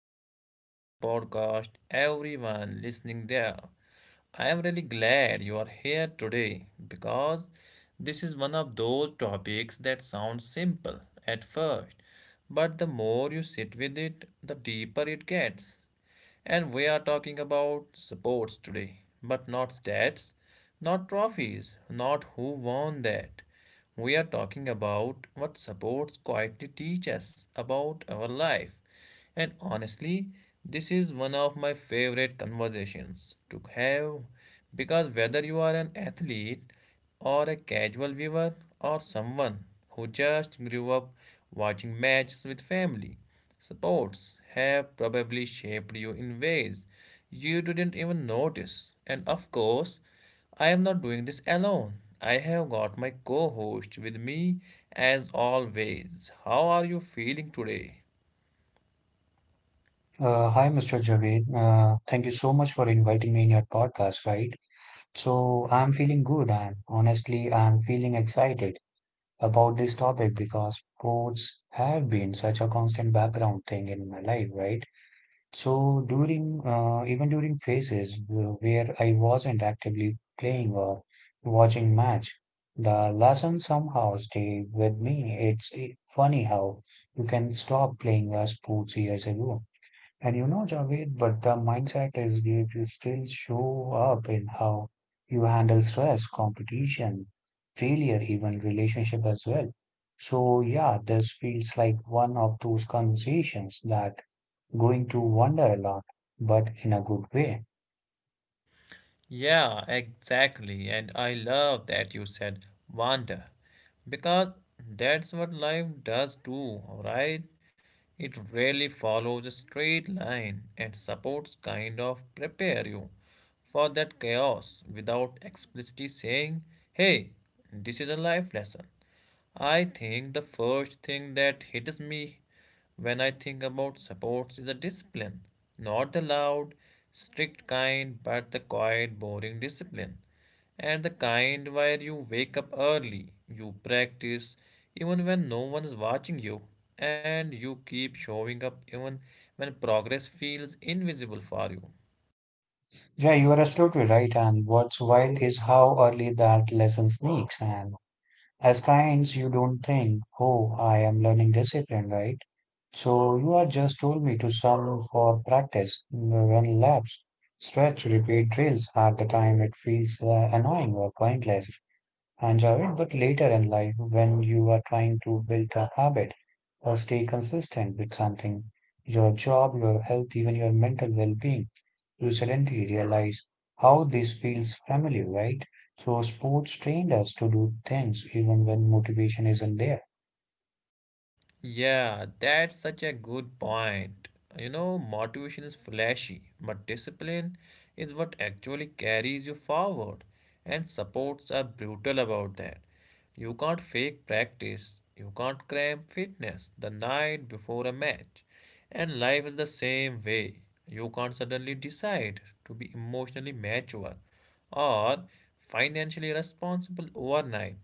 Welcome back to the podcast, everyone listening there. I am really glad you are here today because this is one of those topics that sounds simple at first, but the more you sit with it, the deeper it gets. And we are talking about sports today, but not stats, not trophies, not who won that. We are talking about what sports quietly teach us about our life. And honestly, this is one of my favorite conversations to have because whether you are an athlete or a casual viewer or someone who just grew up watching matches with family. Sports have probably shaped you in ways you didn't even notice. And of course, I am not doing this alone. I have got my co host with me as always. How are you feeling today? Hi, Mr. Javed. Thank you so much for inviting me in your podcast, right? So, I'm feeling good and honestly, I'm feeling excited about this topic because sports have been such a constant background thing in my life, right? So, during even during phases where I wasn't actively playing or watching match, the lesson somehow stayed with me. It's funny how you can stop playing a sports years ago and you know, Javed, but the mindset is if you still show up in how you handle stress, competition, failure, even relationship as well. So yeah, this feels like one of those conversations that going to wonder a lot, but in a good way. Yeah, exactly. And I love that you said wander because that's what life does too, right? It really follows a straight line and supports kind of prepare you for that chaos without explicitly saying, hey, this is a life lesson. I think the first thing that hits me when I think about sports is a discipline. Not the loud, strict kind, but the quiet, boring discipline. And the kind where you wake up early, you practice even when no one is watching you, and you keep showing up even when progress feels invisible for you. Yeah, you are absolutely right. And what's wild is how early that lesson sneaks and as kinds, you don't think, oh, I am learning discipline, right? So you are just told me to sum for practice, run laps, stretch, repeat drills at the time it feels annoying or pointless. I enjoy it, but later in life, when you are trying to build a habit or stay consistent with something, your job, your health, even your mental well being, you suddenly realize how this feels familiar, right? So, sports trained us to do things even when motivation isn't there. Yeah, that's such a good point. You know, motivation is flashy, but discipline is what actually carries you forward, and supports are brutal about that. You can't fake practice, you can't cram fitness the night before a match, and life is the same way. You can't suddenly decide to be emotionally mature or financially responsible overnight.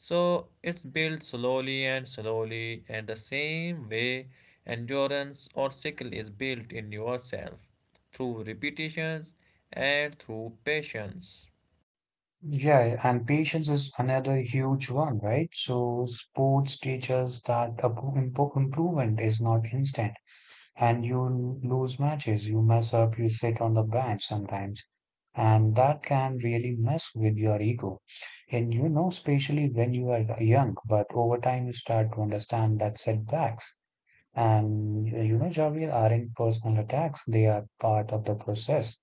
So it's built slowly and slowly, and the same way endurance or skill is built in yourself through repetitions and through patience. Yeah, and patience is another huge one, right? So, sports teaches that improvement is not instant and you lose matches, you mess up, you sit on the bench sometimes, and that can really mess with your ego. And you know, especially when you are young, but over time you start to understand that setbacks and you know, Javier aren't personal attacks, they are part of the process.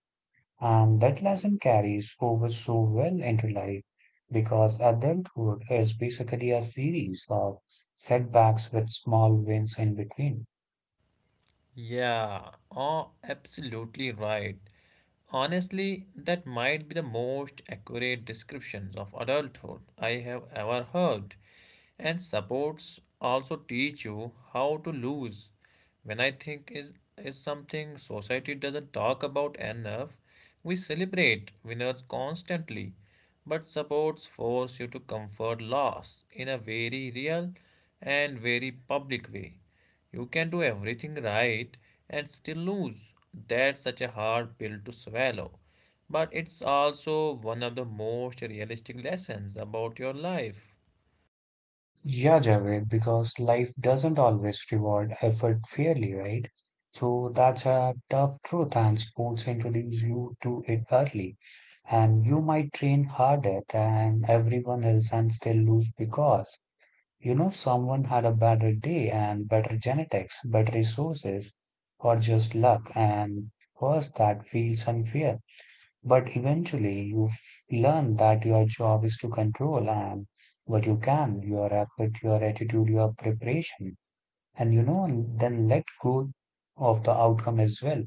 And that lesson carries over so well into life because adulthood is basically a series of setbacks with small wins in between. Yeah, oh, absolutely right. Honestly, that might be the most accurate descriptions of adulthood I have ever heard. And supports also teach you how to lose. When I think is something society doesn't talk about enough, we celebrate winners constantly, but supports force you to comfort loss in a very real and very public way. You can do everything right and still lose. That's such a hard pill to swallow. But it's also one of the most realistic lessons about your life. Yeah, Javed, because life doesn't always reward effort fairly, right? So that's a tough truth, and sports introduce you to it early. And you might train harder than everyone else and still lose because, you know, someone had a better day and better genetics, better resources, or just luck. And first, that feels unfair. But eventually you learn that your job is to control and what you can, your effort, your attitude, your preparation, and you know, then let go of the outcome as well.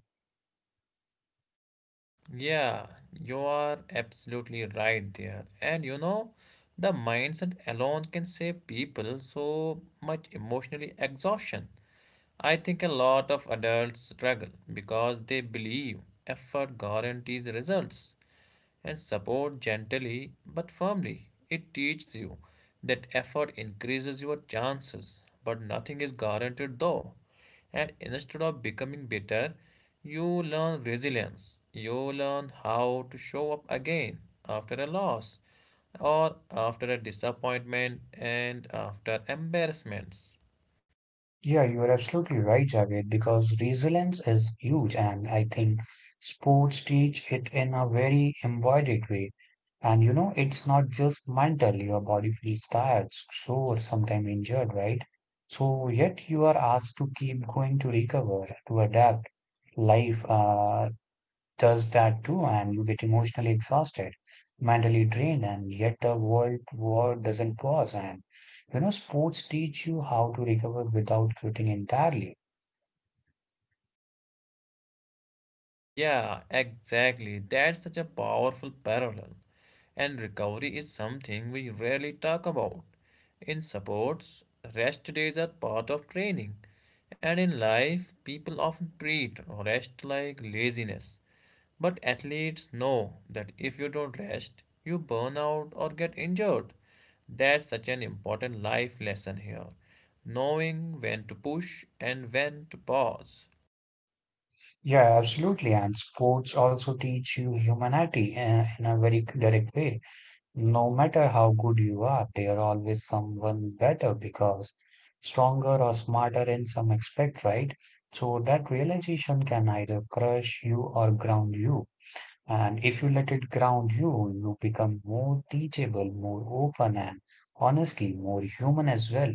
Yeah, you are absolutely right there. And you know, the mindset alone can save people so much emotionally exhaustion. I think a lot of adults struggle because they believe effort guarantees results. And support gently but firmly. It teaches you that effort increases your chances, but nothing is guaranteed though. And instead of becoming bitter, you learn resilience. You learn how to show up again after a loss or after a disappointment and after embarrassments. Yeah, you are absolutely right, Javed, because resilience is huge, and I think sports teach it in a very embodied way. And you know, it's not just mental, your body feels tired, sore, sometimes injured, right? So, yet you are asked to keep going to recover, to adapt. Life does that too and you get emotionally exhausted mentally drained and yet the world war doesn't pause and you know sports teach you how to recover without quitting entirely. Yeah, exactly. That's such a powerful parallel. And recovery is something we rarely talk about. In sports, rest days are part of training. And in life, people often treat rest like laziness. But athletes know that if you don't rest, you burn out or get injured. That's such an important life lesson here. Knowing when to push and when to pause. Yeah, absolutely. And sports also teach you humanity in a very direct way. No matter how good you are there are always someone better because stronger or smarter in some aspect, right? So that realization can either crush you or ground you. And if you let it ground you, you become more teachable, more open, and honestly, more human as well.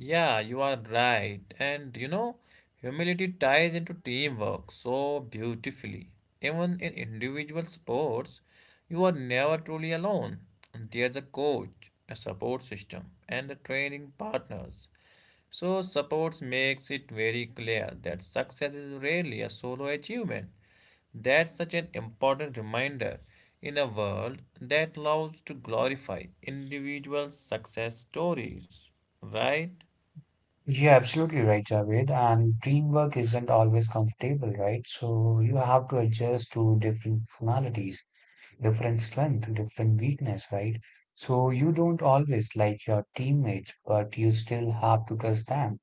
Yeah, you are right. And you know, humility ties into teamwork so beautifully. Even in individual sports, you are never truly alone. There's a coach, a support system, and the training partners. So, supports makes it very clear that success is rarely a solo achievement. That's such an important reminder in a world that loves to glorify individual success stories, right? You're absolutely right, Javed. And teamwork isn't always comfortable, right? So you have to adjust to different personalities, different strength, different weakness, right? So you don't always like your teammates, but you still have to trust them.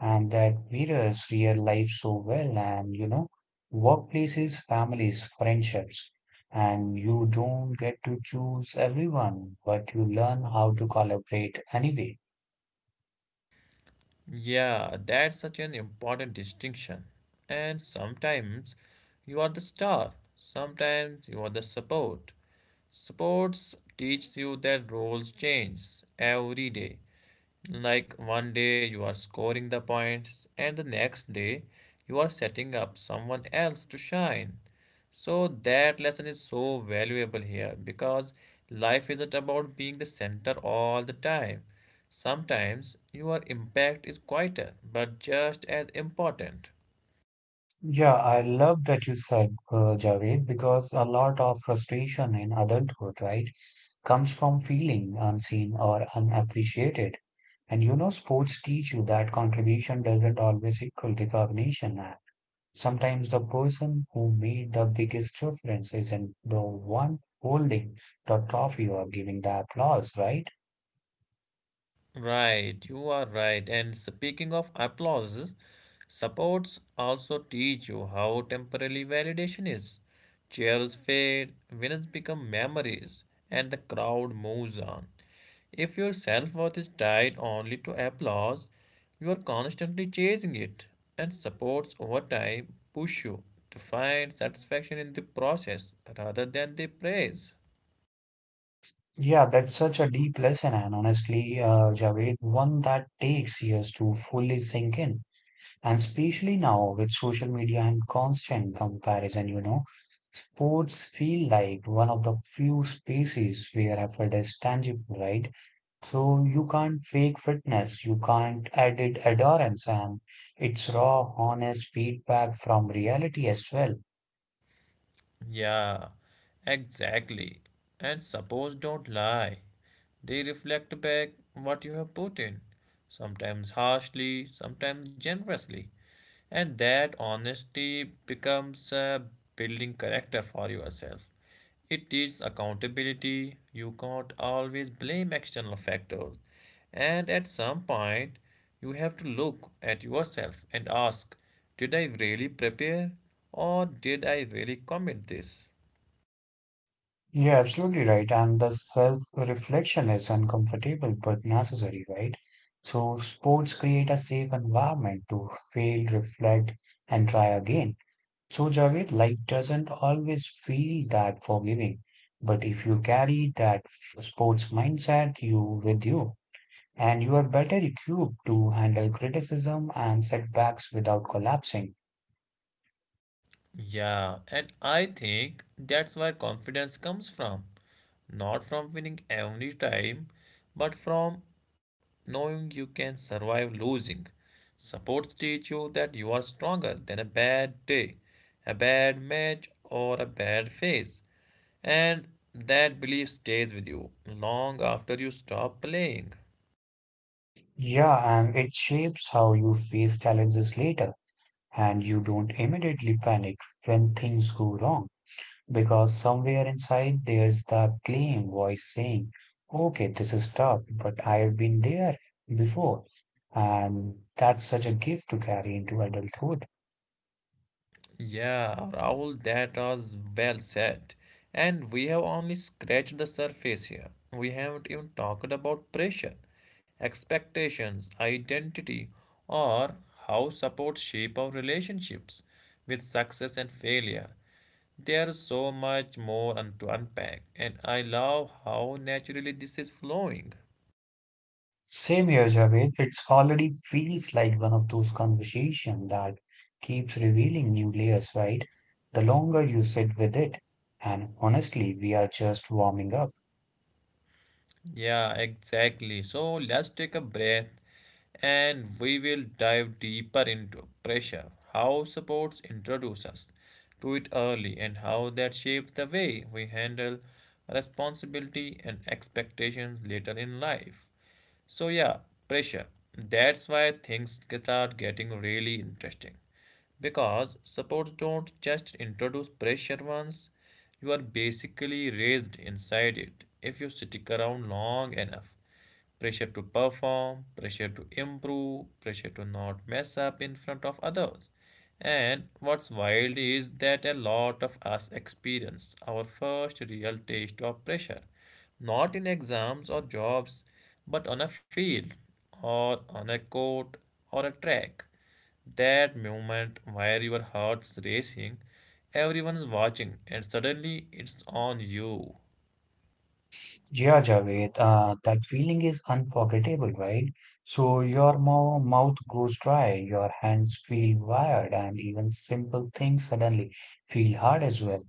And that mirrors real life so well and you know workplaces families friendships and you don't get to choose everyone but you learn how to collaborate anyway. Yeah, that's such an important distinction. And sometimes you are the star, sometimes you are the support. Sports teaches you that roles change every day. Like one day you are scoring the points, and the next day you are setting up someone else to shine. So that lesson is so valuable here because life isn't about being the center all the time. Sometimes your impact is quieter but just as important. Yeah, I love that you said Javed because a lot of frustration in adulthood, right, comes from feeling unseen or unappreciated. And you know sports teach you that contribution doesn't always equal recognition. Sometimes the person who made the biggest difference isn't the one holding the trophy or giving the applause, right? Right, you are right. And speaking of applause, supports also teach you how temporary validation is. Cheers fade, winners become memories, and the crowd moves on. If your self worth is tied only to applause, you are constantly chasing it, and supports over time push you to find satisfaction in the process rather than the praise. Yeah, that's such a deep lesson, and honestly, Javed, one that takes years to fully sink in. And especially now with social media and constant comparison, you know, sports feel like one of the few spaces where effort is tangible, right? So you can't fake fitness, you can't edit adherence, and it's raw, honest feedback from reality as well. Yeah, exactly. And suppose don't lie. They reflect back what you have put in, sometimes harshly, sometimes generously. And that honesty becomes a building character for yourself. It is accountability. You can't always blame external factors. And at some point, you have to look at yourself and ask, did I really prepare? Or did I really commit this? You're absolutely right, and the self-reflection is uncomfortable but necessary, right? So sports create a safe environment to fail, reflect, and try again. So Javed, life doesn't always feel that forgiving, but if you carry that sports mindset you with you, and you are better equipped to handle criticism and setbacks without collapsing. Yeah, and I think that's where confidence comes from. Not from winning every time, but from knowing you can survive losing. Sports teach you that you are stronger than a bad day, a bad match, or a bad phase. And that belief stays with you long after you stop playing. Yeah, and it shapes how you face challenges later, and you don't immediately panic when things go wrong because somewhere inside there's that claim voice saying, okay, this is tough, but I've been there before. And that's such a gift to carry into adulthood. Yeah, Rahul, that was well said. And we have only scratched the surface here. We haven't even talked about pressure, expectations, identity, or how support shape our relationships with success and failure. There's so much more to unpack, and I love how naturally this is flowing. Same here, Javed. It's already feels like one of those conversations that keeps revealing new layers, right? The longer you sit with it. And honestly, we are just warming up. Yeah, exactly. So let's take a breath and we will dive deeper into pressure, how supports introduce us to it early, and how that shapes the way we handle responsibility and expectations later in life. So, yeah, pressure. That's why things start getting really interesting. Because supports don't just introduce pressure once, you are basically raised inside it if you stick around long enough. Pressure to perform, pressure to improve, pressure to not mess up in front of others. And what's wild is that a lot of us experience our first real taste of pressure, not in exams or jobs, but on a field, or on a court, or a track. That moment where your heart's racing, everyone's watching, and suddenly it's on you. Yeah, Javed, that feeling is unforgettable, right? So your mouth goes dry, your hands feel wired, and even simple things suddenly feel hard as well.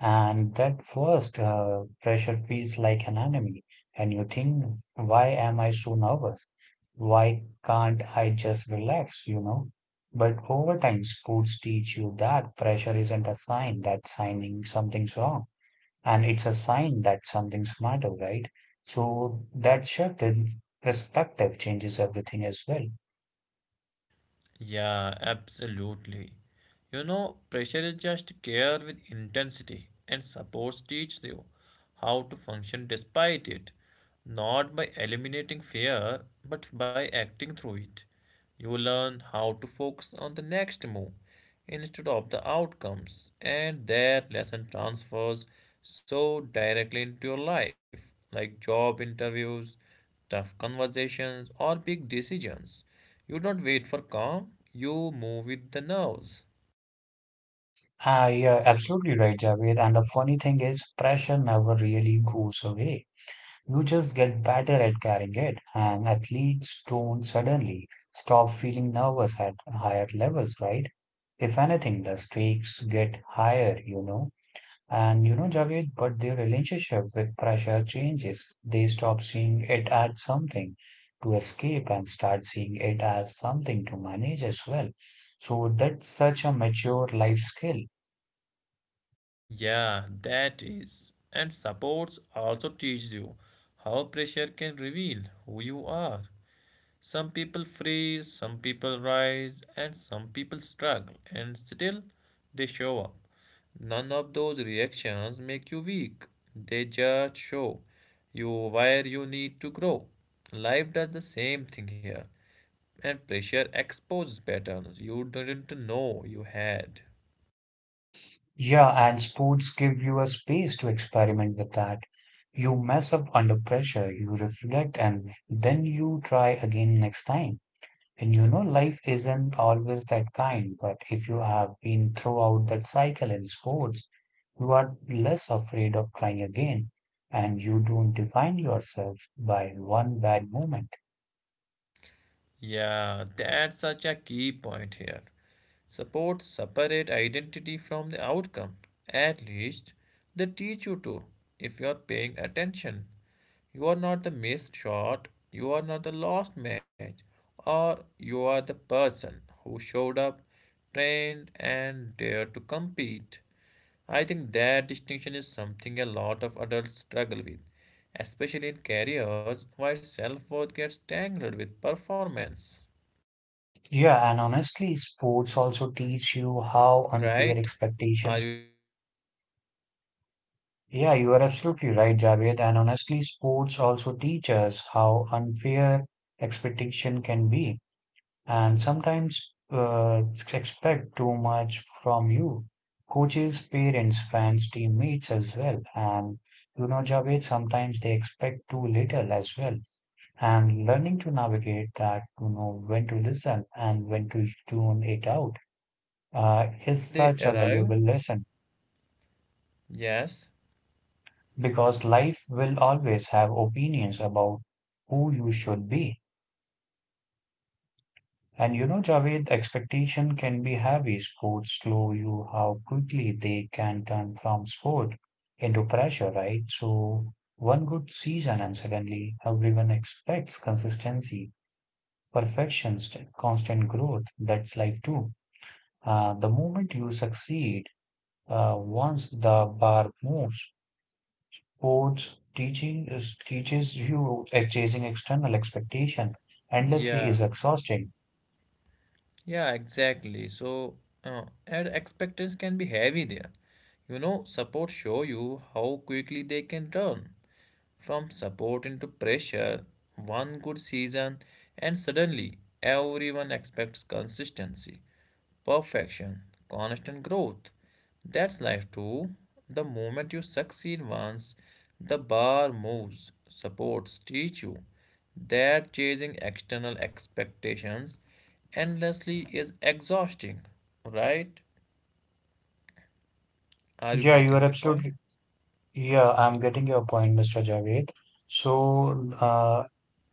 And that first pressure feels like an enemy, and you think, why am I so nervous? Why can't I just relax, you know? But over time, sports teach you that pressure isn't a sign that signing something's wrong, and it's a sign that something's matter, right? So that shift in perspective changes everything as well. Yeah, absolutely. You know, pressure is just care with intensity, and supports teach you how to function despite it, not by eliminating fear, but by acting through it. You learn how to focus on the next move instead of the outcomes, and that lesson transfers so directly into your life, like job interviews, tough conversations, or big decisions. You don't wait for calm, you move with the nerves. Ah, yeah, absolutely right, Javed. And the funny thing is, pressure never really goes away. You just get better at carrying it, and athletes don't suddenly stop feeling nervous at higher levels, right? If anything, the stakes get higher, you know. And you know, Javed, but their relationship with pressure changes. They stop seeing it as something to escape and start seeing it as something to manage as well. So that's such a mature life skill. Yeah, that is. And sports also teaches you how pressure can reveal who you are. Some people freeze, some people rise, and some people struggle, and still they show up. None of those reactions make you weak, they just show you where you need to grow. Life does the same thing here. And pressure exposes patterns you didn't know you had. Yeah, and sports give you a space to experiment with that. You mess up under pressure, you reflect, and then you try again next time. And you know, life isn't always that kind, but if you have been throughout that cycle in sports, you are less afraid of trying again, and you don't define yourself by one bad moment. Yeah, that's such a key point here. Support separate identity from the outcome. At least they teach you to, if you are paying attention. You are not the missed shot, you are not the lost match, or you are the person who showed up, trained, and dared to compete. I think that distinction is something a lot of adults struggle with, especially in careers where self worth gets tangled with performance. Yeah, and honestly, sports also teach you how unfair Right? Are you expectations. listening there? And Yeah, you are absolutely honestly, right, if Javed. we And honestly, speak, sports also teach us sports how also teaches unfair you expectation unfair can be, and and sometimes that unfair expect too expectations. much from you. Sometimes people Coaches, parents, expect fans, teammates as well. that And it's you right, know, Javed, and you know, sometimes they expect too I little also as well. believe And learning to navigate that that, you uh, know, when to sometimes listen they and expect when too, to too tune it little out, and when is they such a arrive valuable lesson. yes Because life will always have opinions about who you should be. And you know, Javed, expectation can be heavy. Sports show you how quickly they can turn from sport into pressure, right? So one good season and suddenly everyone expects consistency, perfection, constant growth. That's life too. The moment you succeed, once the bar moves, coach teaching is teaches you at chasing external expectation endlessly yeah is exhausting. yeah exactly so, and expectations can be heavy there. You know support show you how quickly they can turn from support into pressure, one good season, and suddenly everyone expects consistency, perfection, constant growth. That's life too. The moment you succeed once, the bar moves, supports teach you that chasing external expectations endlessly is exhausting, right? Are you Yeah, you are getting the point? absolutely. Yeah, I'm getting your point, Mr. Javed. So, uh,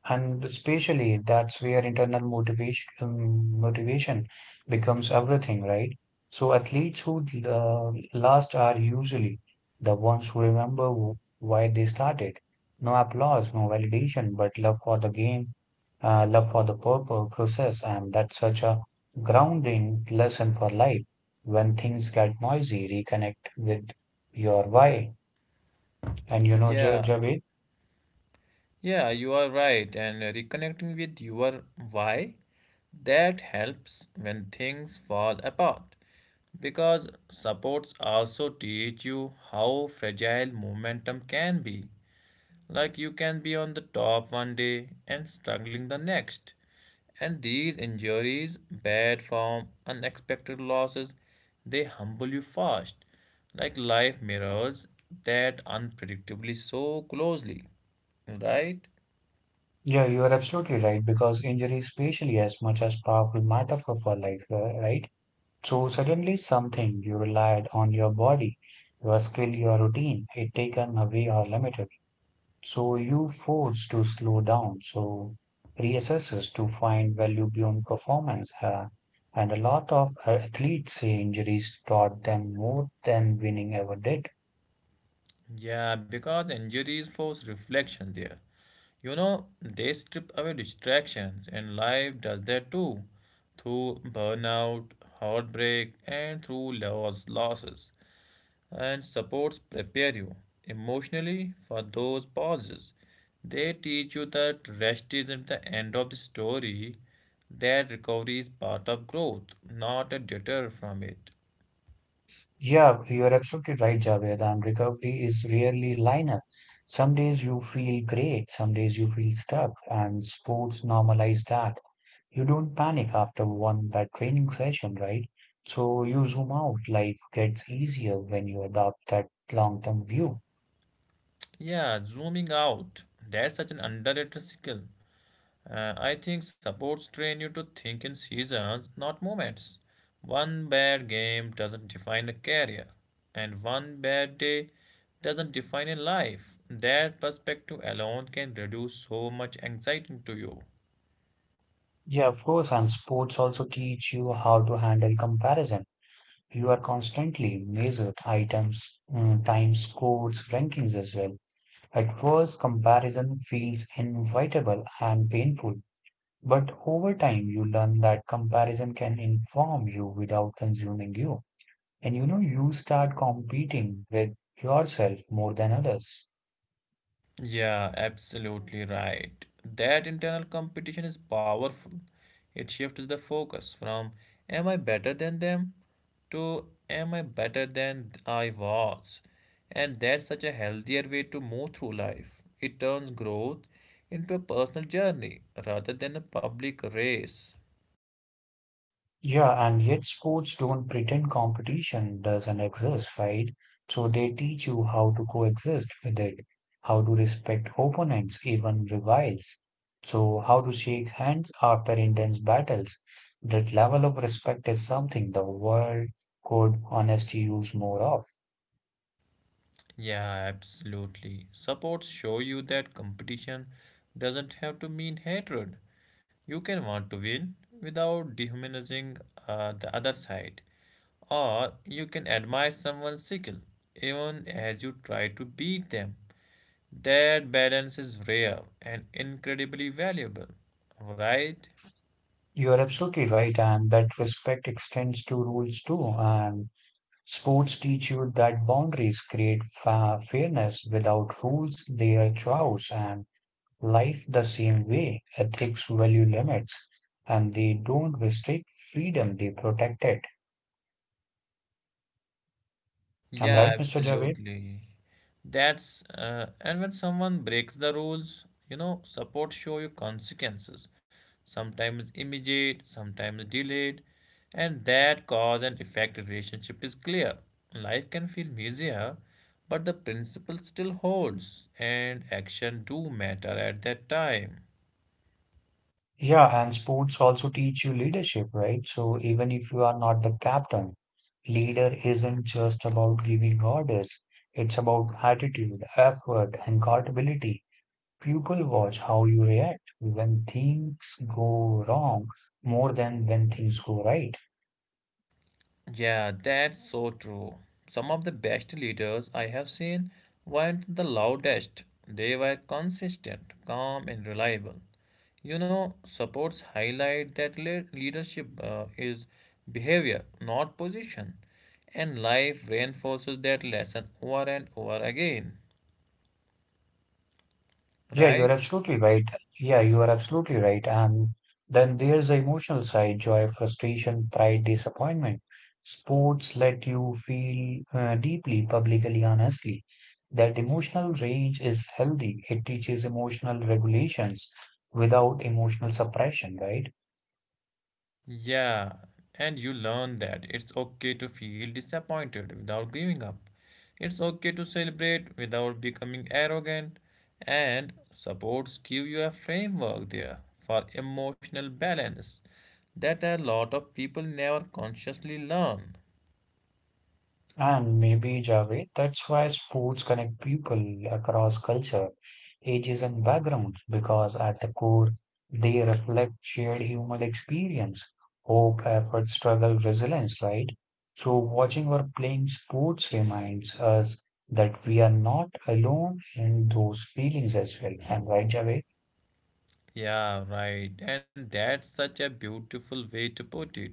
And especially that's where internal motivation becomes everything, right? So athletes who last are usually the ones who remember why they started. No applause, no validation, but love for the game, love for the purpose, process, and that's such a grounding lesson for life. When things get noisy, reconnect with your why. And you know, Yeah, Javed. yeah, you are right. And reconnecting with your why, that helps when things fall apart because supports also teach you how fragile momentum can be. Like you can be on the top one day and struggling the next. And these injuries, bad form, unexpected losses, they humble you fast. Like life mirrors that unpredictably so closely. Right? Yeah, you are absolutely right because injury is spatially as much as powerful metaphor for life, right? So suddenly something you relied on your body, your skill, your routine, it taken away or limited. So you forced to slow down, so reassesses to find value beyond performance. And a lot of athletes say injuries taught them more than winning ever did. Yeah, because injuries force reflection there. You know, they strip away distractions, and life does that too, through burnout, heartbreak, and through loss, losses. And supports prepare you emotionally for those pauses. They teach you that rest isn't the end of the story, that recovery is part of growth, not a deter from it. Yeah, you're absolutely right, Javed. And recovery is rarely linear. Some days you feel great, some days you feel stuck, and sports normalize that. You don't panic after one bad training session, right? So you zoom out. Life gets easier when you adopt that long-term view. Yeah, zooming out. That's such an underrated skill. I think sports train you to think in seasons, not moments. One bad game doesn't define a career, and one bad day doesn't define a life. That perspective alone can reduce so much anxiety to you. Yeah, of course. And sports also teach you how to handle comparison. You are constantly measured items, times, scores, rankings as well. At first comparison feels inevitable and painful, but over time you learn that comparison can inform you without consuming you. And you know, you start competing with yourself more than others. Yeah, absolutely right. That internal competition is powerful. It shifts the focus from am I better than them to am I better than I was? And that's such a healthier way to move through life. It turns growth into a personal journey rather than a public race. Yeah, and yet sports don't pretend competition doesn't exist, right? So they teach you how to coexist with it, how to respect opponents, even rivals. So how to shake hands after intense battles. That level of respect is something the world could honestly use more of. Yeah, absolutely. Supports show you that competition doesn't have to mean hatred. You can want to win without dehumanizing the other side, or you can admire someone's skill even as you try to beat them. That balance is rare and incredibly valuable, right? You are absolutely right, and that respect extends to rules too. And sports teach you that boundaries create fa fairness. Without rules, they are chaos, and life the same way. Ethics value limits, and they don't restrict freedom, they protect it. I'm Yeah, right, Mr. Javed? absolutely. That's and when someone breaks the rules, you know, support show you consequences, sometimes immediate, sometimes delayed, and that cause and effect relationship is clear. Life can feel messier, but the principle still holds, and action do matter at that time. Yeah, and sports also teach you leadership, right? So even if you are not the captain, leader isn't just about giving orders. It's about attitude, effort, and accountability. People watch how you react when things go wrong more than when things go right. Yeah, that's so true. Some of the best leaders I have seen weren't the loudest. They were consistent, calm, and reliable. You know, supports highlight that leadership is behavior, not position. And life reinforces that lesson over and over again, Yeah, you are right? absolutely right. And then there's the emotional side, joy, frustration, pride, disappointment. Sports let you feel deeply, publicly, honestly. That emotional range is healthy. It teaches emotional regulations without emotional suppression, right? Yeah, and you learn that it's okay to feel disappointed without giving up. It's okay to celebrate without becoming arrogant. And supports give you a framework there for emotional balance that a lot of people never consciously learn. And maybe, Javed, that's why sports connect people across culture, ages, and backgrounds, because at the core, they reflect shared human experience, hope, effort, struggle, resilience, right? So, watching or playing sports reminds us that we are not alone in those feelings as well. Am I right, Javed? Yeah, right. And that's such a beautiful way to put it.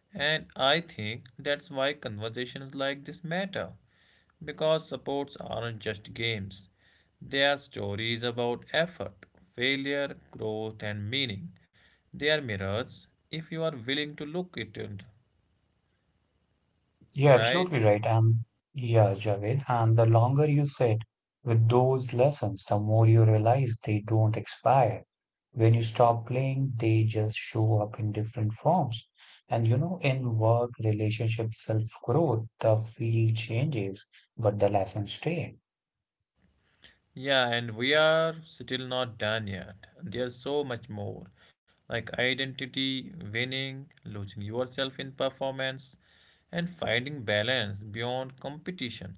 And I think that's why conversations like this matter. Because sports aren't just games, they are stories about effort, failure, growth, and meaning. They are mirrors if you are willing to look at it, You're right? absolutely right. And yeah, Javed, and the longer you sit with those lessons, the more you realize they don't expire. When you stop playing, they just show up in different forms. And you know, in work, relationship, self-growth, the field changes, but the lessons stay. Yeah, and we are still not done yet. There's so much more like identity, winning, losing yourself in performance, and finding balance beyond competition.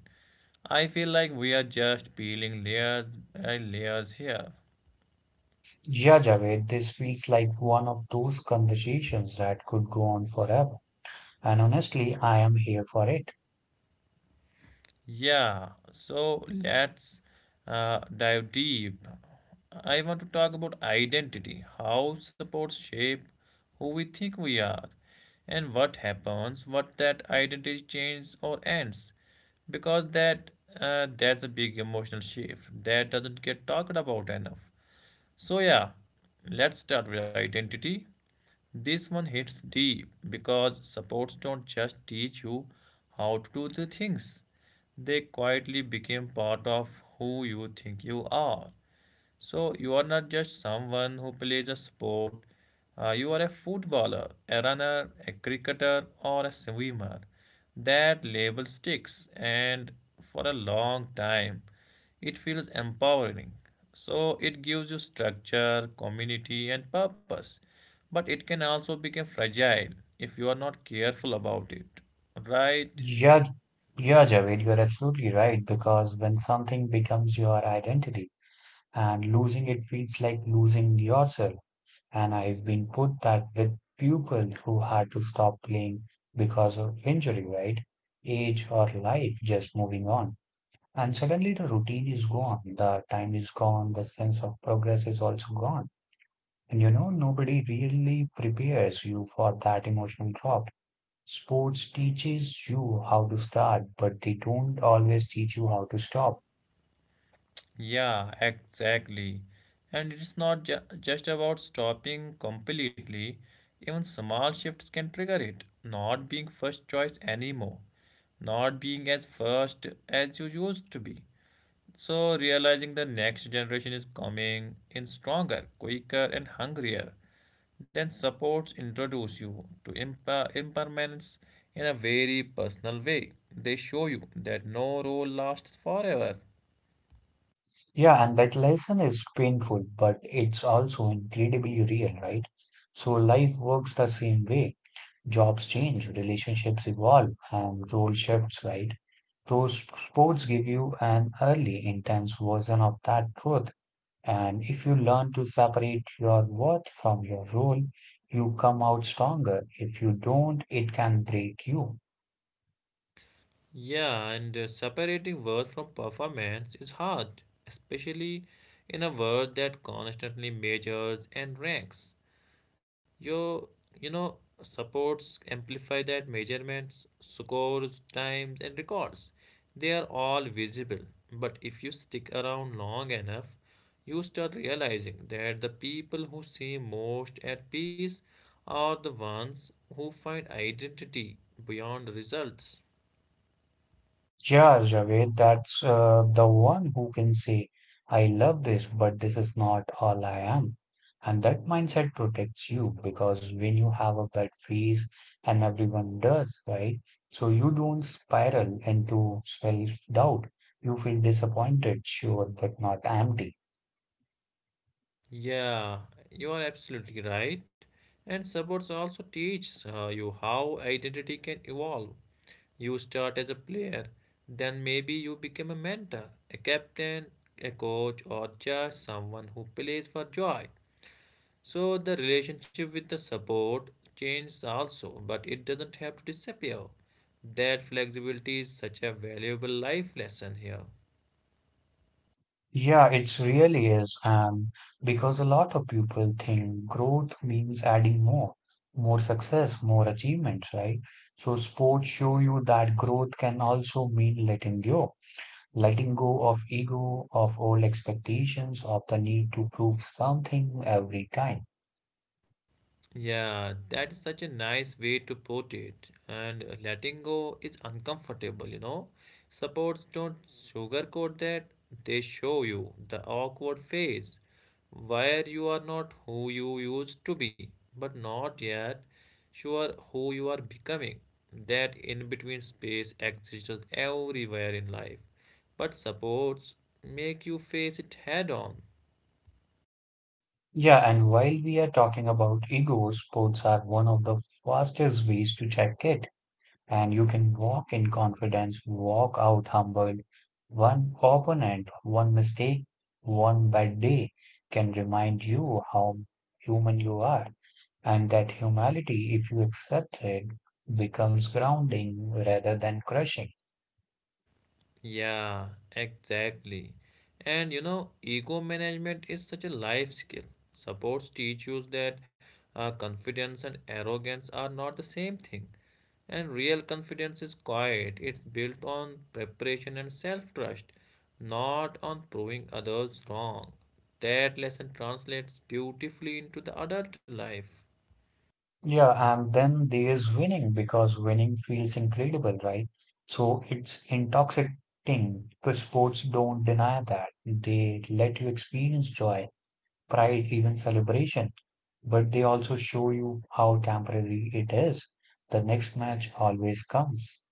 I feel like we are just peeling layers by layers here. Yeah, Javed, this feels like one of those conversations that could go on forever. And honestly, I am here for it. Yeah, so let's dive deep. I want to talk about identity, how supports shape who we think we are, and what happens, what that identity changes or ends. Because that's a big emotional shift that doesn't get talked about enough. So, yeah, let's start with identity. This one hits deep because supports don't just teach you how to do the things, they quietly become part of who you think you are. So, you are not just someone who plays a sport, you are a footballer, a runner, a cricketer, or a swimmer. That label sticks, and for a long time, it feels empowering. So it gives you structure, community, and purpose. But it can also become fragile if you are not careful about it. Right? Yeah, yeah, Javed, you're absolutely right, because when something becomes your identity and losing it feels like losing yourself. And I've been put that with people who had to stop playing because of injury, right? Age or life just moving on. And suddenly the routine is gone, the time is gone, the sense of progress is also gone. And you know, nobody really prepares you for that emotional drop. Sports teaches you how to start, but they don't always teach you how to stop. Yeah, exactly. And it's not just about stopping completely, even small shifts can trigger it. Not being first choice anymore, not being as first as you used to be. So, realizing the next generation is coming in stronger, quicker, and hungrier. Then supports introduce you to impermanence in a very personal way. They show you that no role lasts forever. Yeah, and that lesson is painful, but it's also incredibly real, right? So life works the same way. Jobs change, relationships evolve, and role shifts, right? Those sports give you an early, intense version of that truth. And if you learn to separate your worth from your role, you come out stronger. If you don't, it can break you. Yeah, and separating worth from performance is hard, especially in a world that constantly measures and ranks. You you know supports amplify that measurements, scores, times and records. They are all visible. But if you stick around long enough, you start realizing that the people who seem most at peace are the ones who find identity beyond results. Yeah, Javed, that's the one who can say, I love this, but this is not all I am. And that mindset protects you, because when you have a bad phase, and everyone does, right? So you don't spiral into self-doubt. You feel disappointed, sure, but not empty. Yeah, you are absolutely right. And supports also teach you how identity can evolve. You start as a player, then maybe you become a mentor, a captain, a coach, or just someone who plays for joy. So the relationship with the support changes also, but it doesn't have to disappear. That flexibility is such a valuable life lesson here. Yeah, it's really is, because a lot of people think growth means adding more, more success, more achievements, right? So sports show you that growth can also mean letting go of ego, of old expectations, of the need to prove something every time. Yeah, that is such a nice way to put it. And letting go is uncomfortable. Supports don't sugarcoat that, they show you the awkward phase where you are not who you used to be, but not yet sure who you are becoming. That in between space exists everywhere in life, but supports make you face it head on. Yeah, and while we are talking about ego, sports are one of the fastest ways to check it. And you can walk in confidence, walk out humbled. One opponent, one mistake, one bad day can remind you how human you are, and that humility, if you accept it, becomes grounding rather than crushing. Yeah, exactly. And you know, ego management is such a life skill. Supports teach you that confidence and arrogance are not the same thing. And real confidence is quiet, it's built on preparation and self trust, not on proving others wrong. That lesson translates beautifully into the adult life. Yeah, and then there's winning, because winning feels incredible, right? So it's intoxicating. But sports don't deny that. They let you experience joy, pride, even celebration. But they also show you how temporary it is. The next match always comes.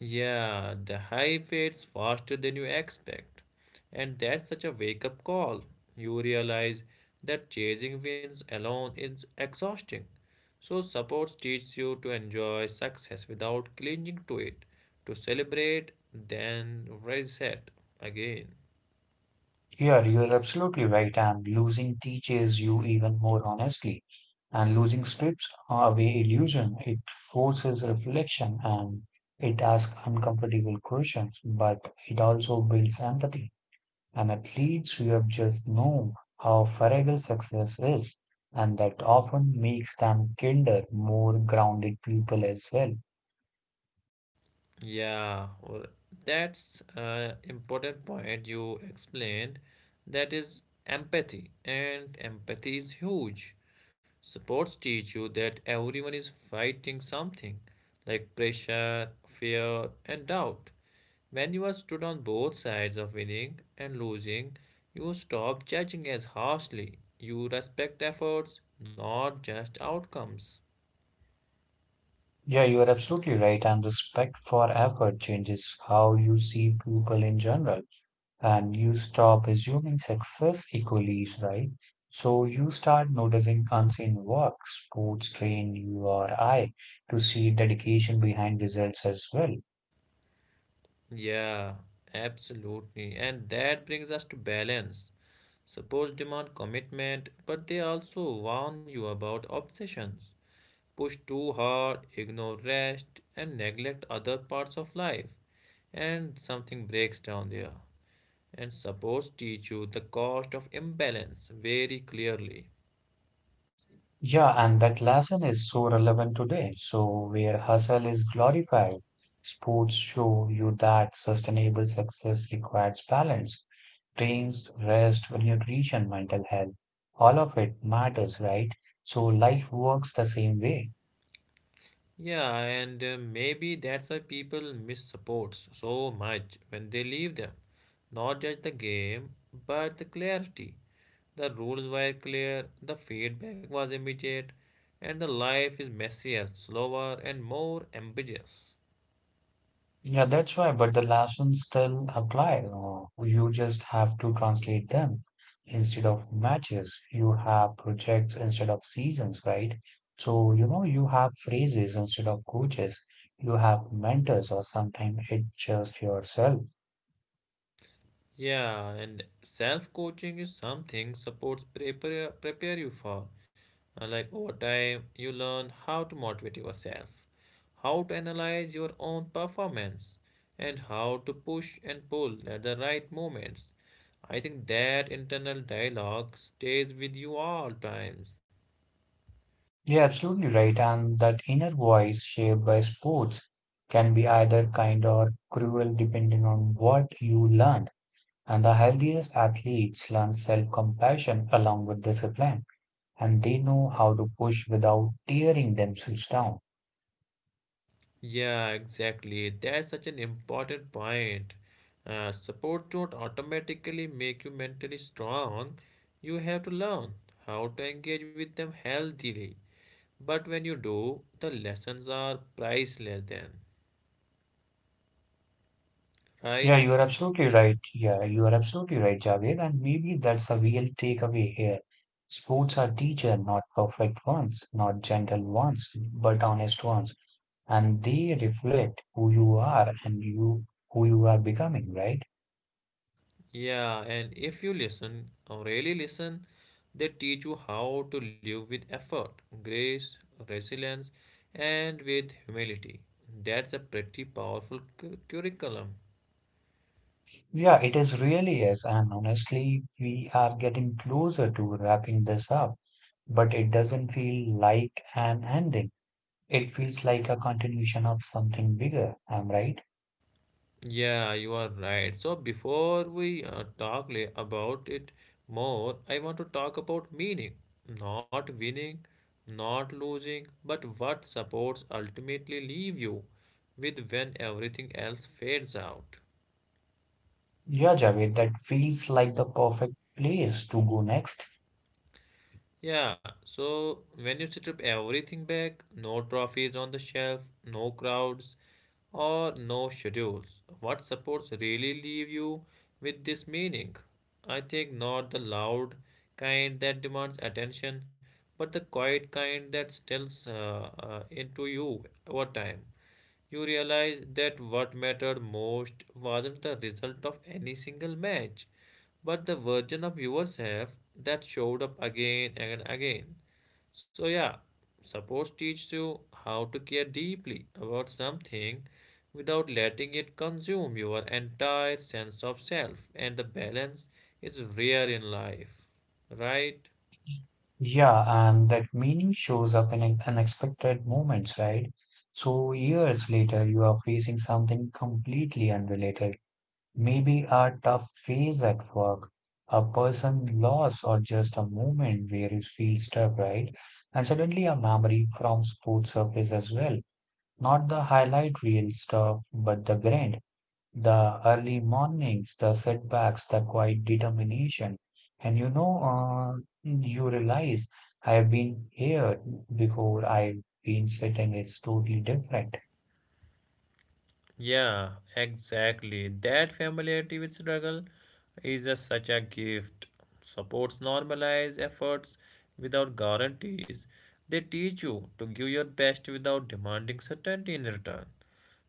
Yeah, the high fades faster than you expect. And that's such a wake up call. You realize that chasing wins alone is exhausting. So, supports teach you to enjoy success without clinging to it, to celebrate, then reset again. Yeah, you're absolutely right. And losing teaches you even more honestly. And losing strips away illusion. It forces reflection, and it asks uncomfortable questions, but it also builds empathy. And athletes you've just know how fragile success is, and that often makes them kinder, more grounded people as well. Yeah, or that's an important point you explained. That is empathy, and empathy is huge. Sports teach you that everyone is fighting something like pressure, fear, and doubt. When you are stood on both sides of winning and losing, you stop judging as harshly. You respect efforts, not just outcomes. Yeah, you are absolutely right. And respect for effort changes how you see people in general, and you stop assuming success equals right. So you start noticing unseen work, sports train your eye to see dedication behind results as well. Yeah, absolutely. And that brings us to balance. Sports demand commitment, but they also warn you about obsessions. Push too hard, ignore rest, and neglect other parts of life, and something breaks down there. And supports teach you the cost of imbalance very clearly. Yeah, and that lesson is so relevant today. So, where hustle is glorified, sports show you that sustainable success requires balance, trains, rest, nutrition, mental health. All of it matters, right? So, life works the same way. Yeah, and maybe that's why people miss supports so much when they leave them. Not just the game, but the clarity. The rules were clear, the feedback was immediate, and the life is messier, slower, and more ambitious. Yeah, that's why, but the lessons still apply. Or you just have to translate them. Instead of matches, you have projects instead of seasons, right? So, you know, you have phrases instead of coaches. You have mentors, or sometimes it's just yourself. Yeah, and self coaching is something supports prepare you for. Like over time, you learn how to motivate yourself, how to analyze your own performance, and how to push and pull at the right moments. I think that internal dialogue stays with you all times. Yeah, absolutely right. And that inner voice shaped by sports can be either kind or cruel depending on what you learn. And the healthiest athletes learn self-compassion along with discipline. And they know how to push without tearing themselves down. Yeah, exactly. That's such an important point. Support don't automatically make you mentally strong. You have to learn how to engage with them healthily. But when you do, the lessons are priceless then, Yeah, right? you are absolutely right. Javed. And maybe that's a real takeaway here. Sports are teacher, not perfect ones, not gentle ones, but honest ones. And they reflect who you are and you who you are becoming, right? Yeah, and if you listen, or really listen, they teach you how to live with effort, grace, resilience, and with humility. That's a pretty powerful curriculum. Yeah, it is really is. And honestly, we are getting closer to wrapping this up, but it doesn't feel like an ending. It feels like a continuation of something bigger. Am I right? Yeah, you are right. So before we talk about it more, I want to talk about meaning. Not winning, not losing, but what supports ultimately leave you with when everything else fades out. Yeah, Javed, that feels like the perfect place to go next. Yeah, so when you strip everything back, no trophies on the shelf, no crowds, or no schedules, what supports really leave you with this meaning? I think not the loud kind that demands attention, but the quiet kind that stills into you over time you realize that what mattered most wasn't the result of any single match, but the version of yourself that showed up again and again. So, yeah, sports teaches you how to care deeply about something without letting it consume your entire sense of self, and the balance is rare in life, right? Yeah, and that meaning shows up in unexpected moments, right? So, years later, you are facing something completely unrelated. Maybe a tough phase at work, a person loss, or just a moment where you feel stuck, right? And suddenly, a memory from sports surface as well. Not the highlight reel stuff, but the grind. The early mornings, the setbacks, the quiet determination. And you know, you realize I've been here before, I've been sitting, it's totally different. Yeah, exactly. That familiarity with struggle is such a gift. Supports normalize efforts without guarantees. They teach you to give your best without demanding certainty in return.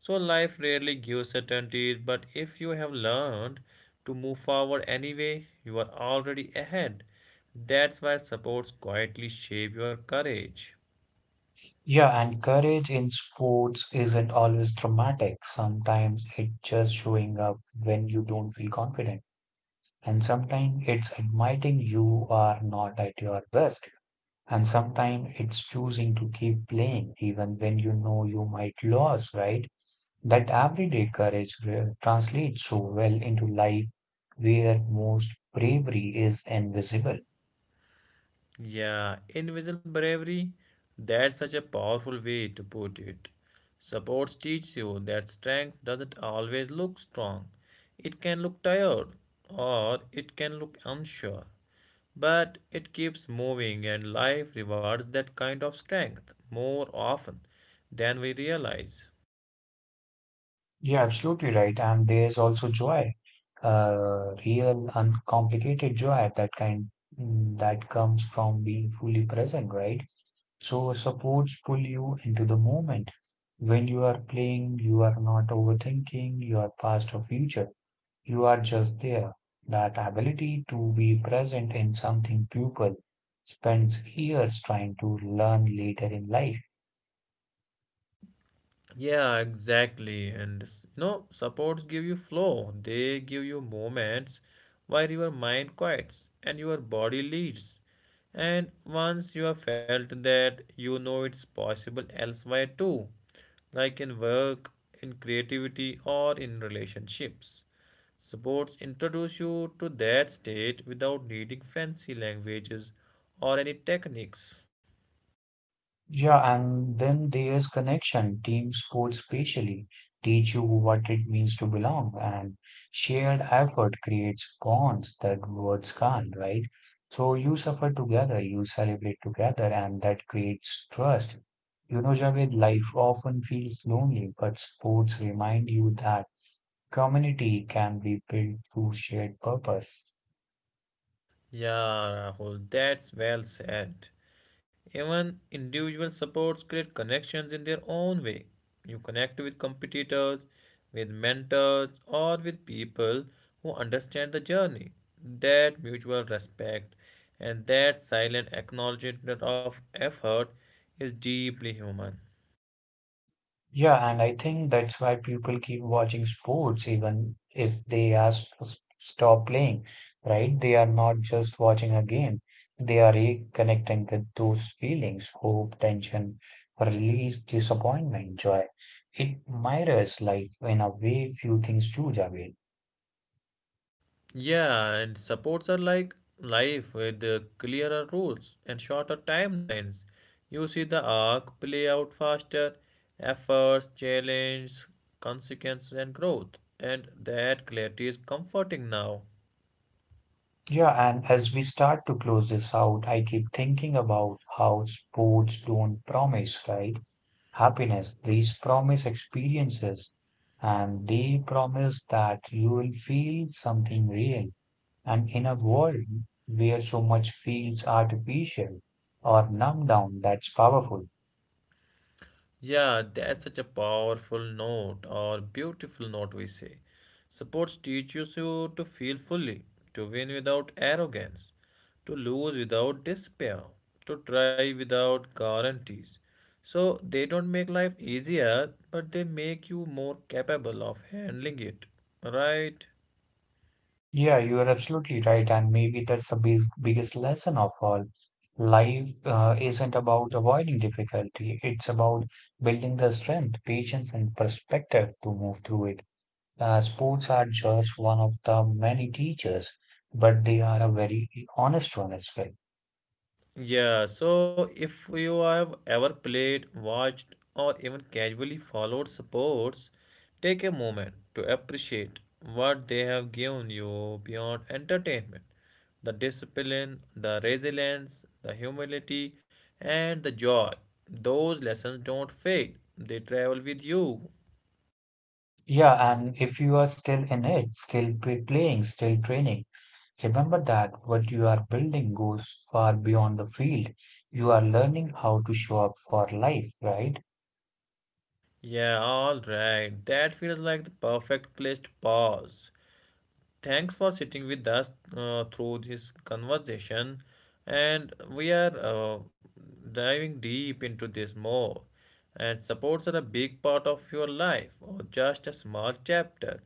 So life rarely gives certainties, but if you have learned to move forward anyway, you are already ahead. That's why supports quietly shape your courage. Yeah, and courage in sports isn't always dramatic. Sometimes it's just showing up when you don't feel confident. And sometimes it's admitting you are not at your best. And sometimes it's choosing to keep playing even when you know you might lose, right? That everyday courage translates so well into life where most bravery is invisible. Yeah, invisible bravery, that's such a powerful way to put it. Sports teach you that strength doesn't always look strong. It can look tired or it can look unsure, but it keeps moving and life rewards that kind of strength more often than we realize. You're absolutely right. And there's also joy, real, uncomplicated joy, that kind that comes from being fully present, right? So supports pull you into the moment. When you are playing, you are not overthinking your past or future. You are just there. That ability to be present in something people spends years trying to learn later in life. Yeah, exactly. And you know, supports give you flow. They give you moments where your mind quiets and your body leads. And once you have felt that, you know it's possible elsewhere too, like in work, in creativity, or in relationships. Supports introduce you to that state without needing fancy languages or any techniques. Yeah, and then there's connection. Team sports specially teach you what it means to belong, and shared effort creates bonds that words can't, right? So you suffer together, you celebrate together, and that creates trust. You know, Javed, life often feels lonely, but sports remind you that community can be built through shared purpose. Yeah, Rahul, that's well said. Even individual supports create connections in their own way. You connect with competitors, with mentors, or with people who understand the journey. That mutual respect and that silent acknowledgement of effort is deeply human. Yeah, and I think that's why people keep watching sports even if they ask to stop playing, right? They are not just watching a game. They are reconnecting with those feelings, hope, tension, release, disappointment, joy. It mirrors life in a way few things do, Javed. Yeah, and supports are like life with clearer rules and shorter timelines. You see the arc play out faster, efforts, challenge, consequences, and growth. And that clarity is comforting now. Yeah, and as we start to close this out, I keep thinking about how sports don't promise, right? Happiness. These promise experiences, and they promise that you will feel something real. And in a world where so much feels artificial or numbed down, that's powerful. Yeah, that's such a powerful note or beautiful note we say. Sports teaches you to feel fully, to win without arrogance, to lose without despair, to try without guarantees. So they don't make life easier, but they make you more capable of handling it, right? Yeah, you are absolutely right. And maybe that's the big, biggest lesson of all. Life isn't about avoiding difficulty, it's about building the strength, patience, and perspective to move through it. Sports are just one of the many teachers, but they are a very honest one as well. Yeah, so if you have ever played, watched, or even casually followed sports, take a moment to appreciate what they have given you beyond entertainment. The discipline, the resilience, the humility, and the joy. Those lessons don't fade, they travel with you. Yeah, and if you are still in it, still playing, still training, remember that what you are building goes far beyond the field. You are learning how to show up for life, right? Yeah, all right. That feels like the perfect place to pause. Thanks for sitting with us through this conversation, and we are diving deep into this more. And supports are a big part of your life, or just a small chapter.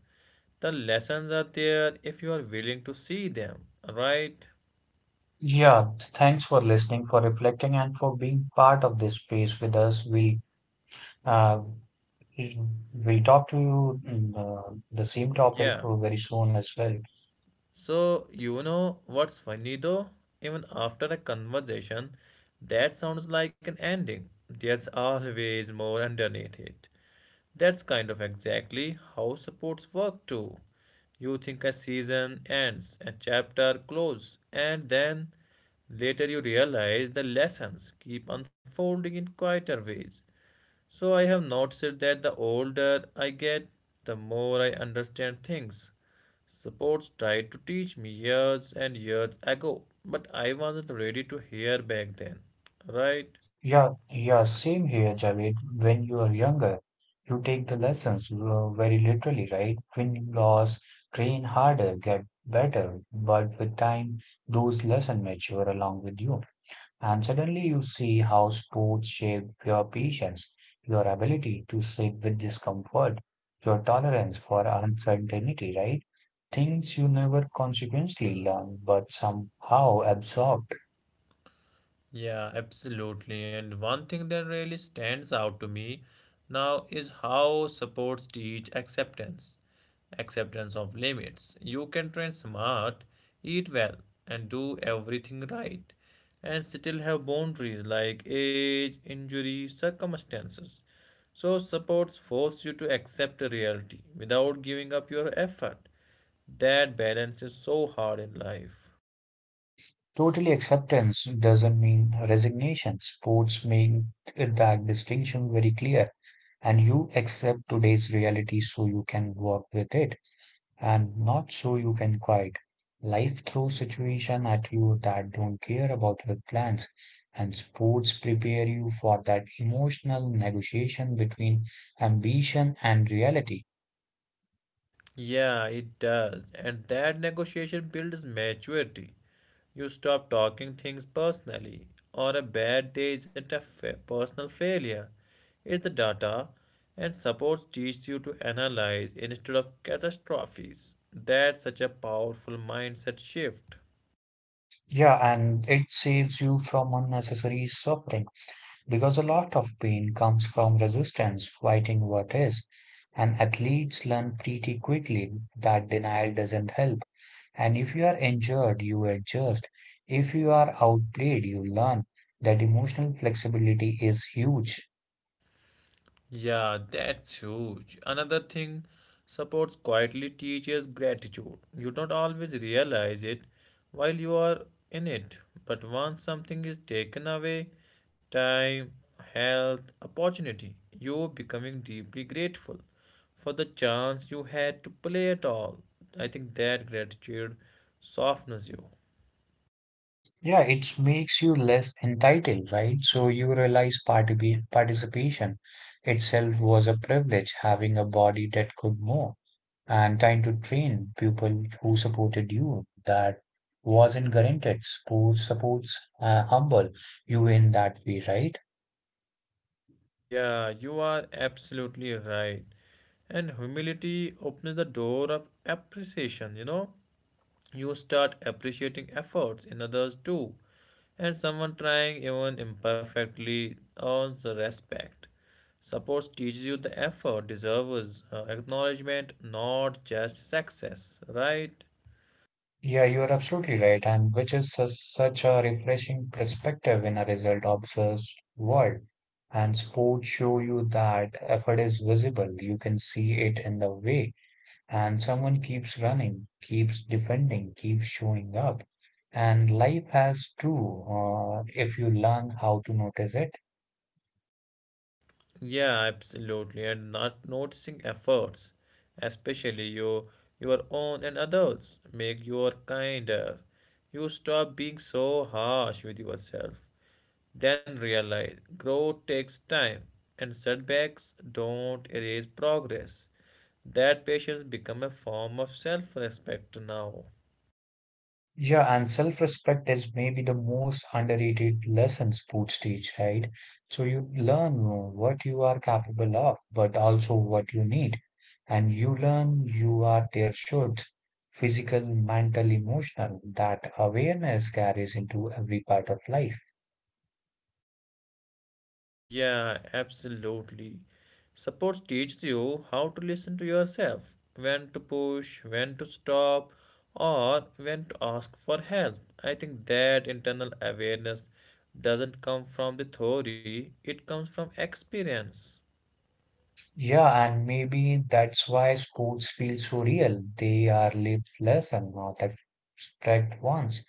The lessons are there if you are willing to see them, right? Yeah, thanks for listening, for reflecting, and for being part of this space with us. Uh, we'll talk to you the same topic Yeah. Very soon as well. So, you know what's funny though? Even after a conversation that sounds like an ending, there's always more underneath it. That's kind of exactly how supports work too. You think a season ends, a chapter closes, and then later you realize the lessons keep unfolding in quieter ways. So I have noticed that the older I get, the more I understand things. Sports tried to teach me years and years ago, but I wasn't ready to hear back then, right? Yeah, same here, Javed. When you are younger, you take the lessons very literally, right? Win, loss, train harder, get better. But with time, those lessons mature along with you. And suddenly you see how sports shape your patience, your ability to sit with discomfort, your tolerance for uncertainty, right? Things you never consequently learn, but somehow absorb. Yeah, absolutely. And one thing that really stands out to me now is how supports teach acceptance, acceptance of limits. You can train smart, eat well, and do everything right, and still have boundaries like age, injury, circumstances. So, supports force you to accept reality without giving up your effort. That balance is so hard in life. Totally acceptance doesn't mean resignation. Sports make that distinction very clear, and you accept today's reality so you can work with it and not so you can quit. Life throws situations at you that don't care about your plans, and sports prepare you for that emotional negotiation between ambition and reality. Yeah, it does. And that negotiation builds maturity. You stop talking things personally, or a bad day isn't a personal failure. It's the data, and supports teach you to analyze instead of catastrophes. That's such a powerful mindset shift. Yeah, and it saves you from unnecessary suffering, because a lot of pain comes from resistance fighting what is, and athletes learn pretty quickly that denial doesn't help. And if you are injured, you adjust. If you are outplayed, you learn that emotional flexibility is huge. Yeah, that's huge. Another thing, supports quietly teaches gratitude. You don't always realize it while you are in it, but once something is taken away time, health, opportunity you becoming deeply grateful for the chance you had to play at all. I think that gratitude softens you. Yeah, it makes you less entitled, right? So you realize participation itself was a privilege, having a body that could move and trying to train people who supported you that wasn't guaranteed support, supports humble you in that way, right? Yeah, you are absolutely right. And humility opens the door of appreciation, you know. You start appreciating efforts in others too, and someone trying even imperfectly earns the respect. Support teaches you the effort deserves acknowledgement, not just success, right? Yeah, you are absolutely right, and which is such a refreshing perspective in a result obsessed world. And sports show you that effort is visible, you can see it in the way and someone keeps running, keeps defending, keeps showing up. And life has too, if you learn how to notice it. Yeah, absolutely. And not noticing efforts, especially your own and others, make you kinder. You stop being so harsh with yourself. Then realize growth takes time and setbacks don't erase progress. That patience becomes a form of self-respect now. Yeah, and self-respect is maybe the most underrated lesson sports teach, right? So you learn what you are capable of, but also what you need. And you learn you are there should physical, mental, emotional. That awareness carries into every part of life. Yeah, absolutely. Support teaches you how to listen to yourself, when to push, when to stop, or when to ask for help. I think that internal awareness doesn't come from the theory, it comes from experience. Yeah, and maybe that's why sports feel so real. They are lived lesson, not abstract ones.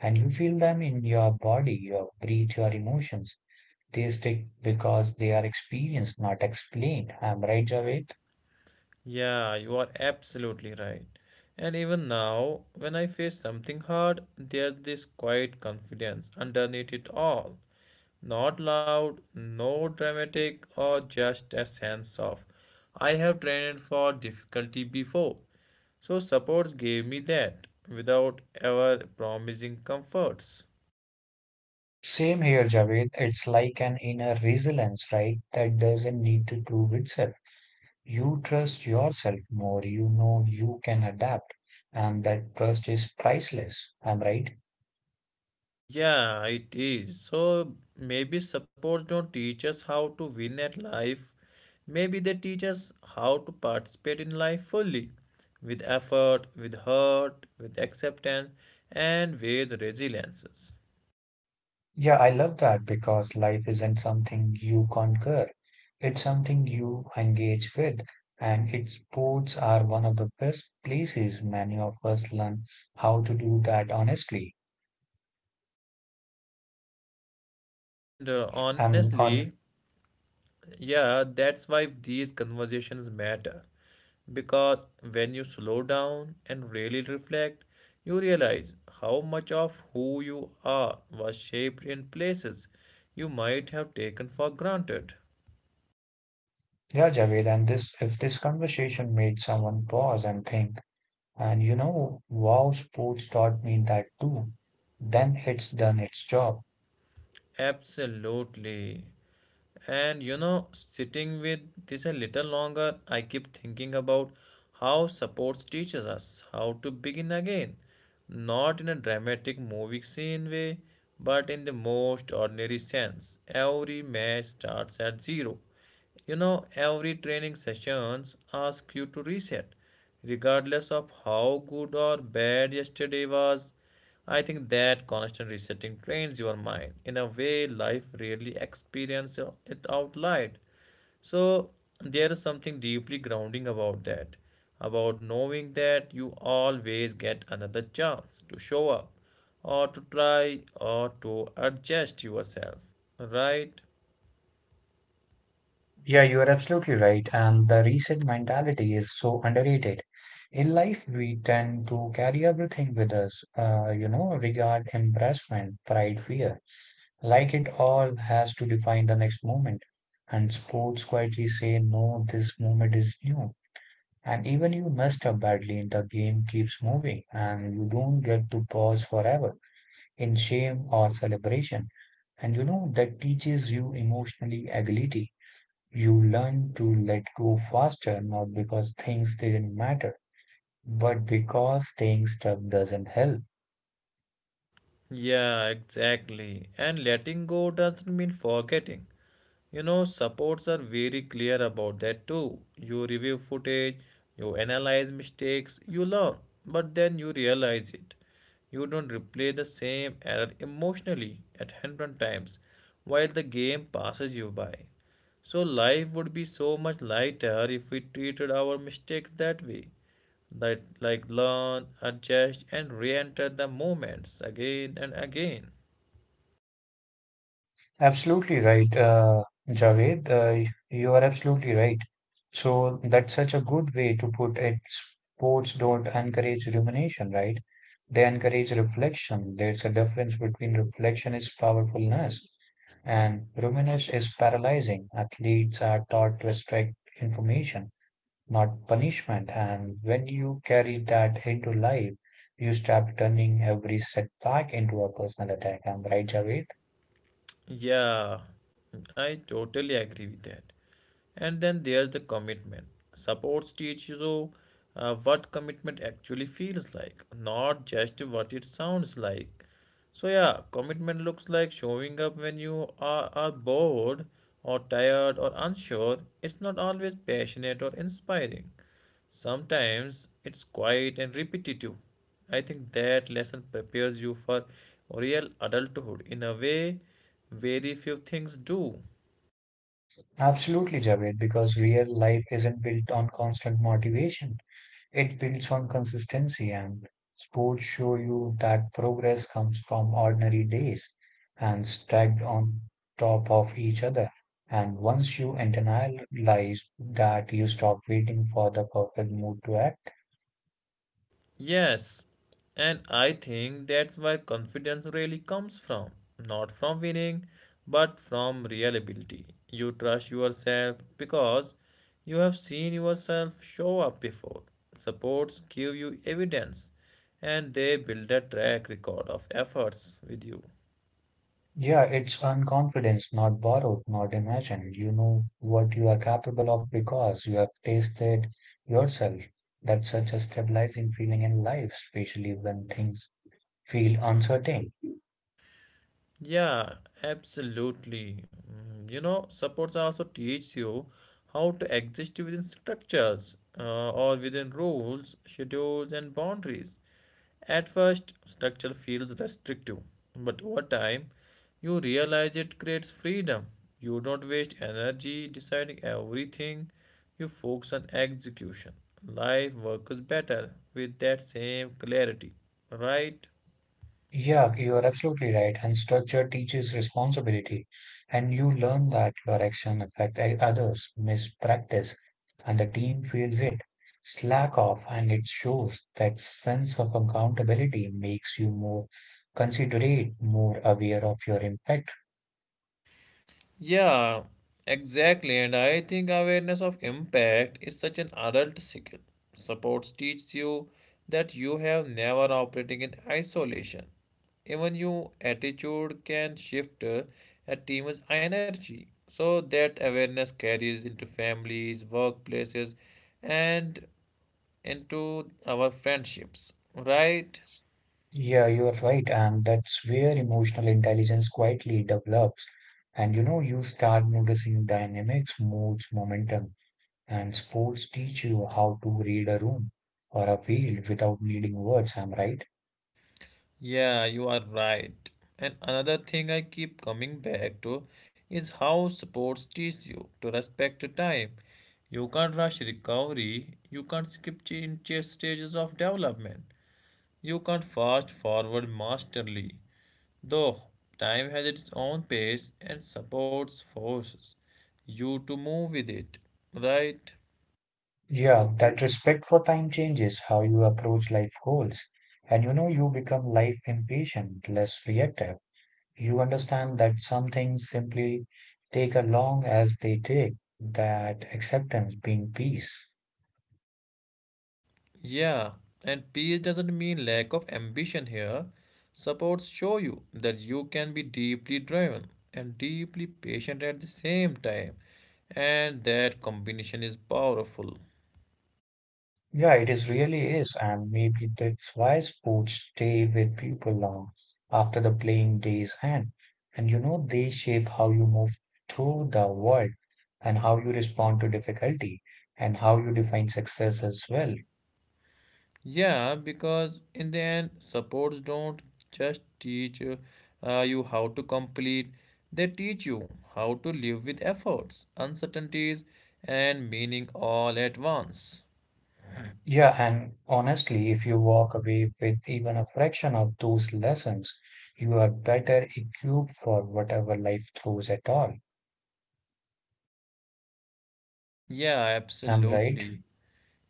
And you feel them in your body, your breath, your emotions. They stick because they are experienced, not explained. I'm right, Javed. Yeah, you are absolutely right. And even now, when I face something hard, there's this quiet confidence underneath it all. Not loud, no dramatic, or just a sense of I have trained for difficulty before. So, supports gave me that without ever promising comforts. Same here, Javed. It's like an inner resilience, right? That doesn't need to prove itself. You trust yourself more. You know you can adapt, and that trust is priceless. I'm right. Yeah, it is. So maybe sports don't teach us how to win at life. Maybe they teach us how to participate in life fully, with effort, with heart, with acceptance, and with resiliences. Yeah, I love that because life isn't something you conquer. It's something you engage with, and its sports are one of the best places many of us learn how to do that honestly. And And honestly, on, yeah, that's why these conversations matter. Because when you slow down and really reflect, you realize how much of who you are was shaped in places you might have taken for granted. yeah, Javed, and this if this conversation made someone pause and think, and you know, wow, sports taught me that too, then it's done its job. Absolutely. And you know, sitting with this a little longer, I keep thinking about how sports teaches us how to begin again. Not in a dramatic movie scene way, but in the most ordinary sense. Every match starts at zero. You know, every training sessions ask you to reset, regardless of how good or bad yesterday was. I think that constant resetting trains your mind in a way life rarely experiences it out loud. So there is something deeply grounding about that, about knowing that you always get another chance to show up or to try or to adjust yourself, right? Yeah, you are absolutely right. And the reset mentality is so underrated. In life, we tend to carry everything with us, you know, regard, embarrassment, pride, fear, like it all has to define the next moment. And sports quietly say, no, this moment is new. And even you messed up badly, the game keeps moving and you don't get to pause forever in shame or celebration. And you know, that teaches you emotionally agility. You learn to let go faster, not because things didn't matter, but because staying stuck doesn't help. Yeah, exactly. And letting go doesn't mean forgetting. You know, supports are very clear about that too. You review footage, you analyze mistakes, you learn, but then you realize it. You don't replay the same error emotionally at 100 times while the game passes you by. So, life would be so much lighter if we treated our mistakes that way like learn, adjust, and re-enter the moments again and again. Absolutely right, Javed. You are absolutely right. So that's such a good way to put it. Sports don't encourage rumination, right? They encourage reflection. There's a difference between reflection is powerfulness and rumination is paralyzing. Athletes are taught to extract information, not punishment. And when you carry that into life, you start turning every setback into a personal attack. Am right, Javed? Yeah, I totally agree with that. And then there's the commitment. Supports teach you what commitment actually feels like, not just what it sounds like. So yeah, commitment looks like showing up when you are bored or tired or unsure. It's not always passionate or inspiring. Sometimes it's quiet and repetitive. I think that lesson prepares you for real adulthood in a way very few things do. Absolutely, Javed, because real life isn't built on constant motivation. It builds on consistency, and sports show you that progress comes from ordinary days and stacked on top of each other. And once you internalize that, you stop waiting for the perfect mood to act. Yes, and I think that's where confidence really comes from. Not from winning, but from real ability. You trust yourself because you have seen yourself show up before. Supports give you evidence and they build a track record of efforts with you. Yeah, it's unconfidence, not borrowed, not imagined. You know what you are capable of because you have tasted yourself. That's such a stabilizing feeling in life, especially when things feel uncertain. Yeah, absolutely. You know, supports also teach you how to exist within structures or within rules, schedules, and boundaries. At first, structure feels restrictive, but over time, you realize it creates freedom. You don't waste energy deciding everything, you focus on execution. Life works better with that same clarity, right? Yeah, you are absolutely right. And structure teaches responsibility, and you learn that your action affect others, mispractice, and the team feels it. Slack off, and it shows that sense of accountability makes you more considerate, more aware of your impact. Yeah, exactly. And I think awareness of impact is such an adult skill. Supports teach you that you have never operating in isolation. Even your attitude can shift a team's energy. So that awareness carries into families, workplaces, and into our friendships. Right? Yeah, you are right, and that's where emotional intelligence quietly develops. And you know, you start noticing dynamics, moods, momentum. And sports teach you how to read a room or a field without needing words, I'm right? Yeah, you are right. And another thing I keep coming back to is how sports teach you to respect time. You can't rush recovery, you can't skip stages of development, you can't fast forward masterly. Though time has its own pace and supports forces you to move with it, right? Yeah, that respect for time changes how you approach life goals. And you know, you become life impatient, less reactive. You understand that some things simply take as long as they take, that acceptance being peace. Yeah, and peace doesn't mean lack of ambition here. Supports show you that you can be deeply driven and deeply patient at the same time, and that combination is powerful. Yeah, it is really is, and maybe that's why sports stay with people long after the playing days end. And you know, they shape how you move through the world and how you respond to difficulty and how you define success as well. Yeah, because in the end, supports don't just teach you how to complete, they teach you how to live with efforts, uncertainties, and meaning all at once. Yeah, and honestly, if you walk away with even a fraction of those lessons, you are better equipped for whatever life throws at all. Yeah, I'm right. absolutely.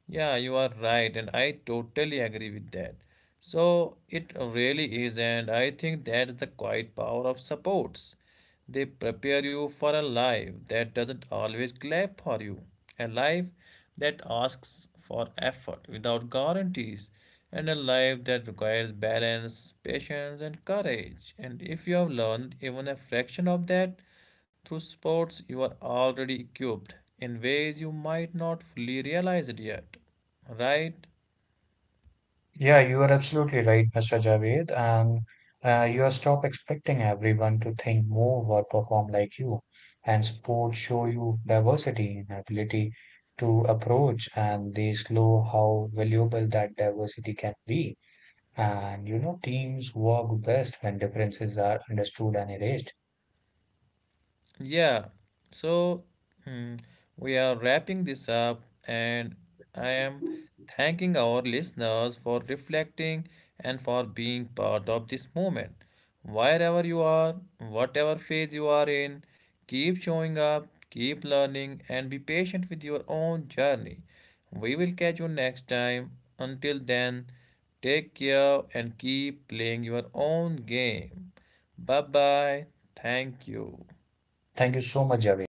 Yeah, you are right, and I totally agree with that. So it really is, and I think that's the quiet power of supports. They prepare you for a life that doesn't always clap for you, a life that asks for effort without guarantees, and a life that requires balance, patience, and courage. And if you have learned even a fraction of that, through sports, you are already equipped in ways you might not fully realize it yet, right? Yeah, you are absolutely right, Mr. Javed. And you are stop expecting everyone to think, move, or perform like you. And sports show you diversity in ability to approach, and they slow how valuable that diversity can be. And you know, teams work best when differences are understood and erased. Yeah, so hmm, we are wrapping this up, and I am thanking our listeners for reflecting and for being part of this moment. Wherever you are, whatever phase you are in, keep showing up, keep learning, and be patient with your own journey. We will catch you next time. Until then, take care and keep playing your own game. Bye bye. Thank you. Thank you so much, Javed.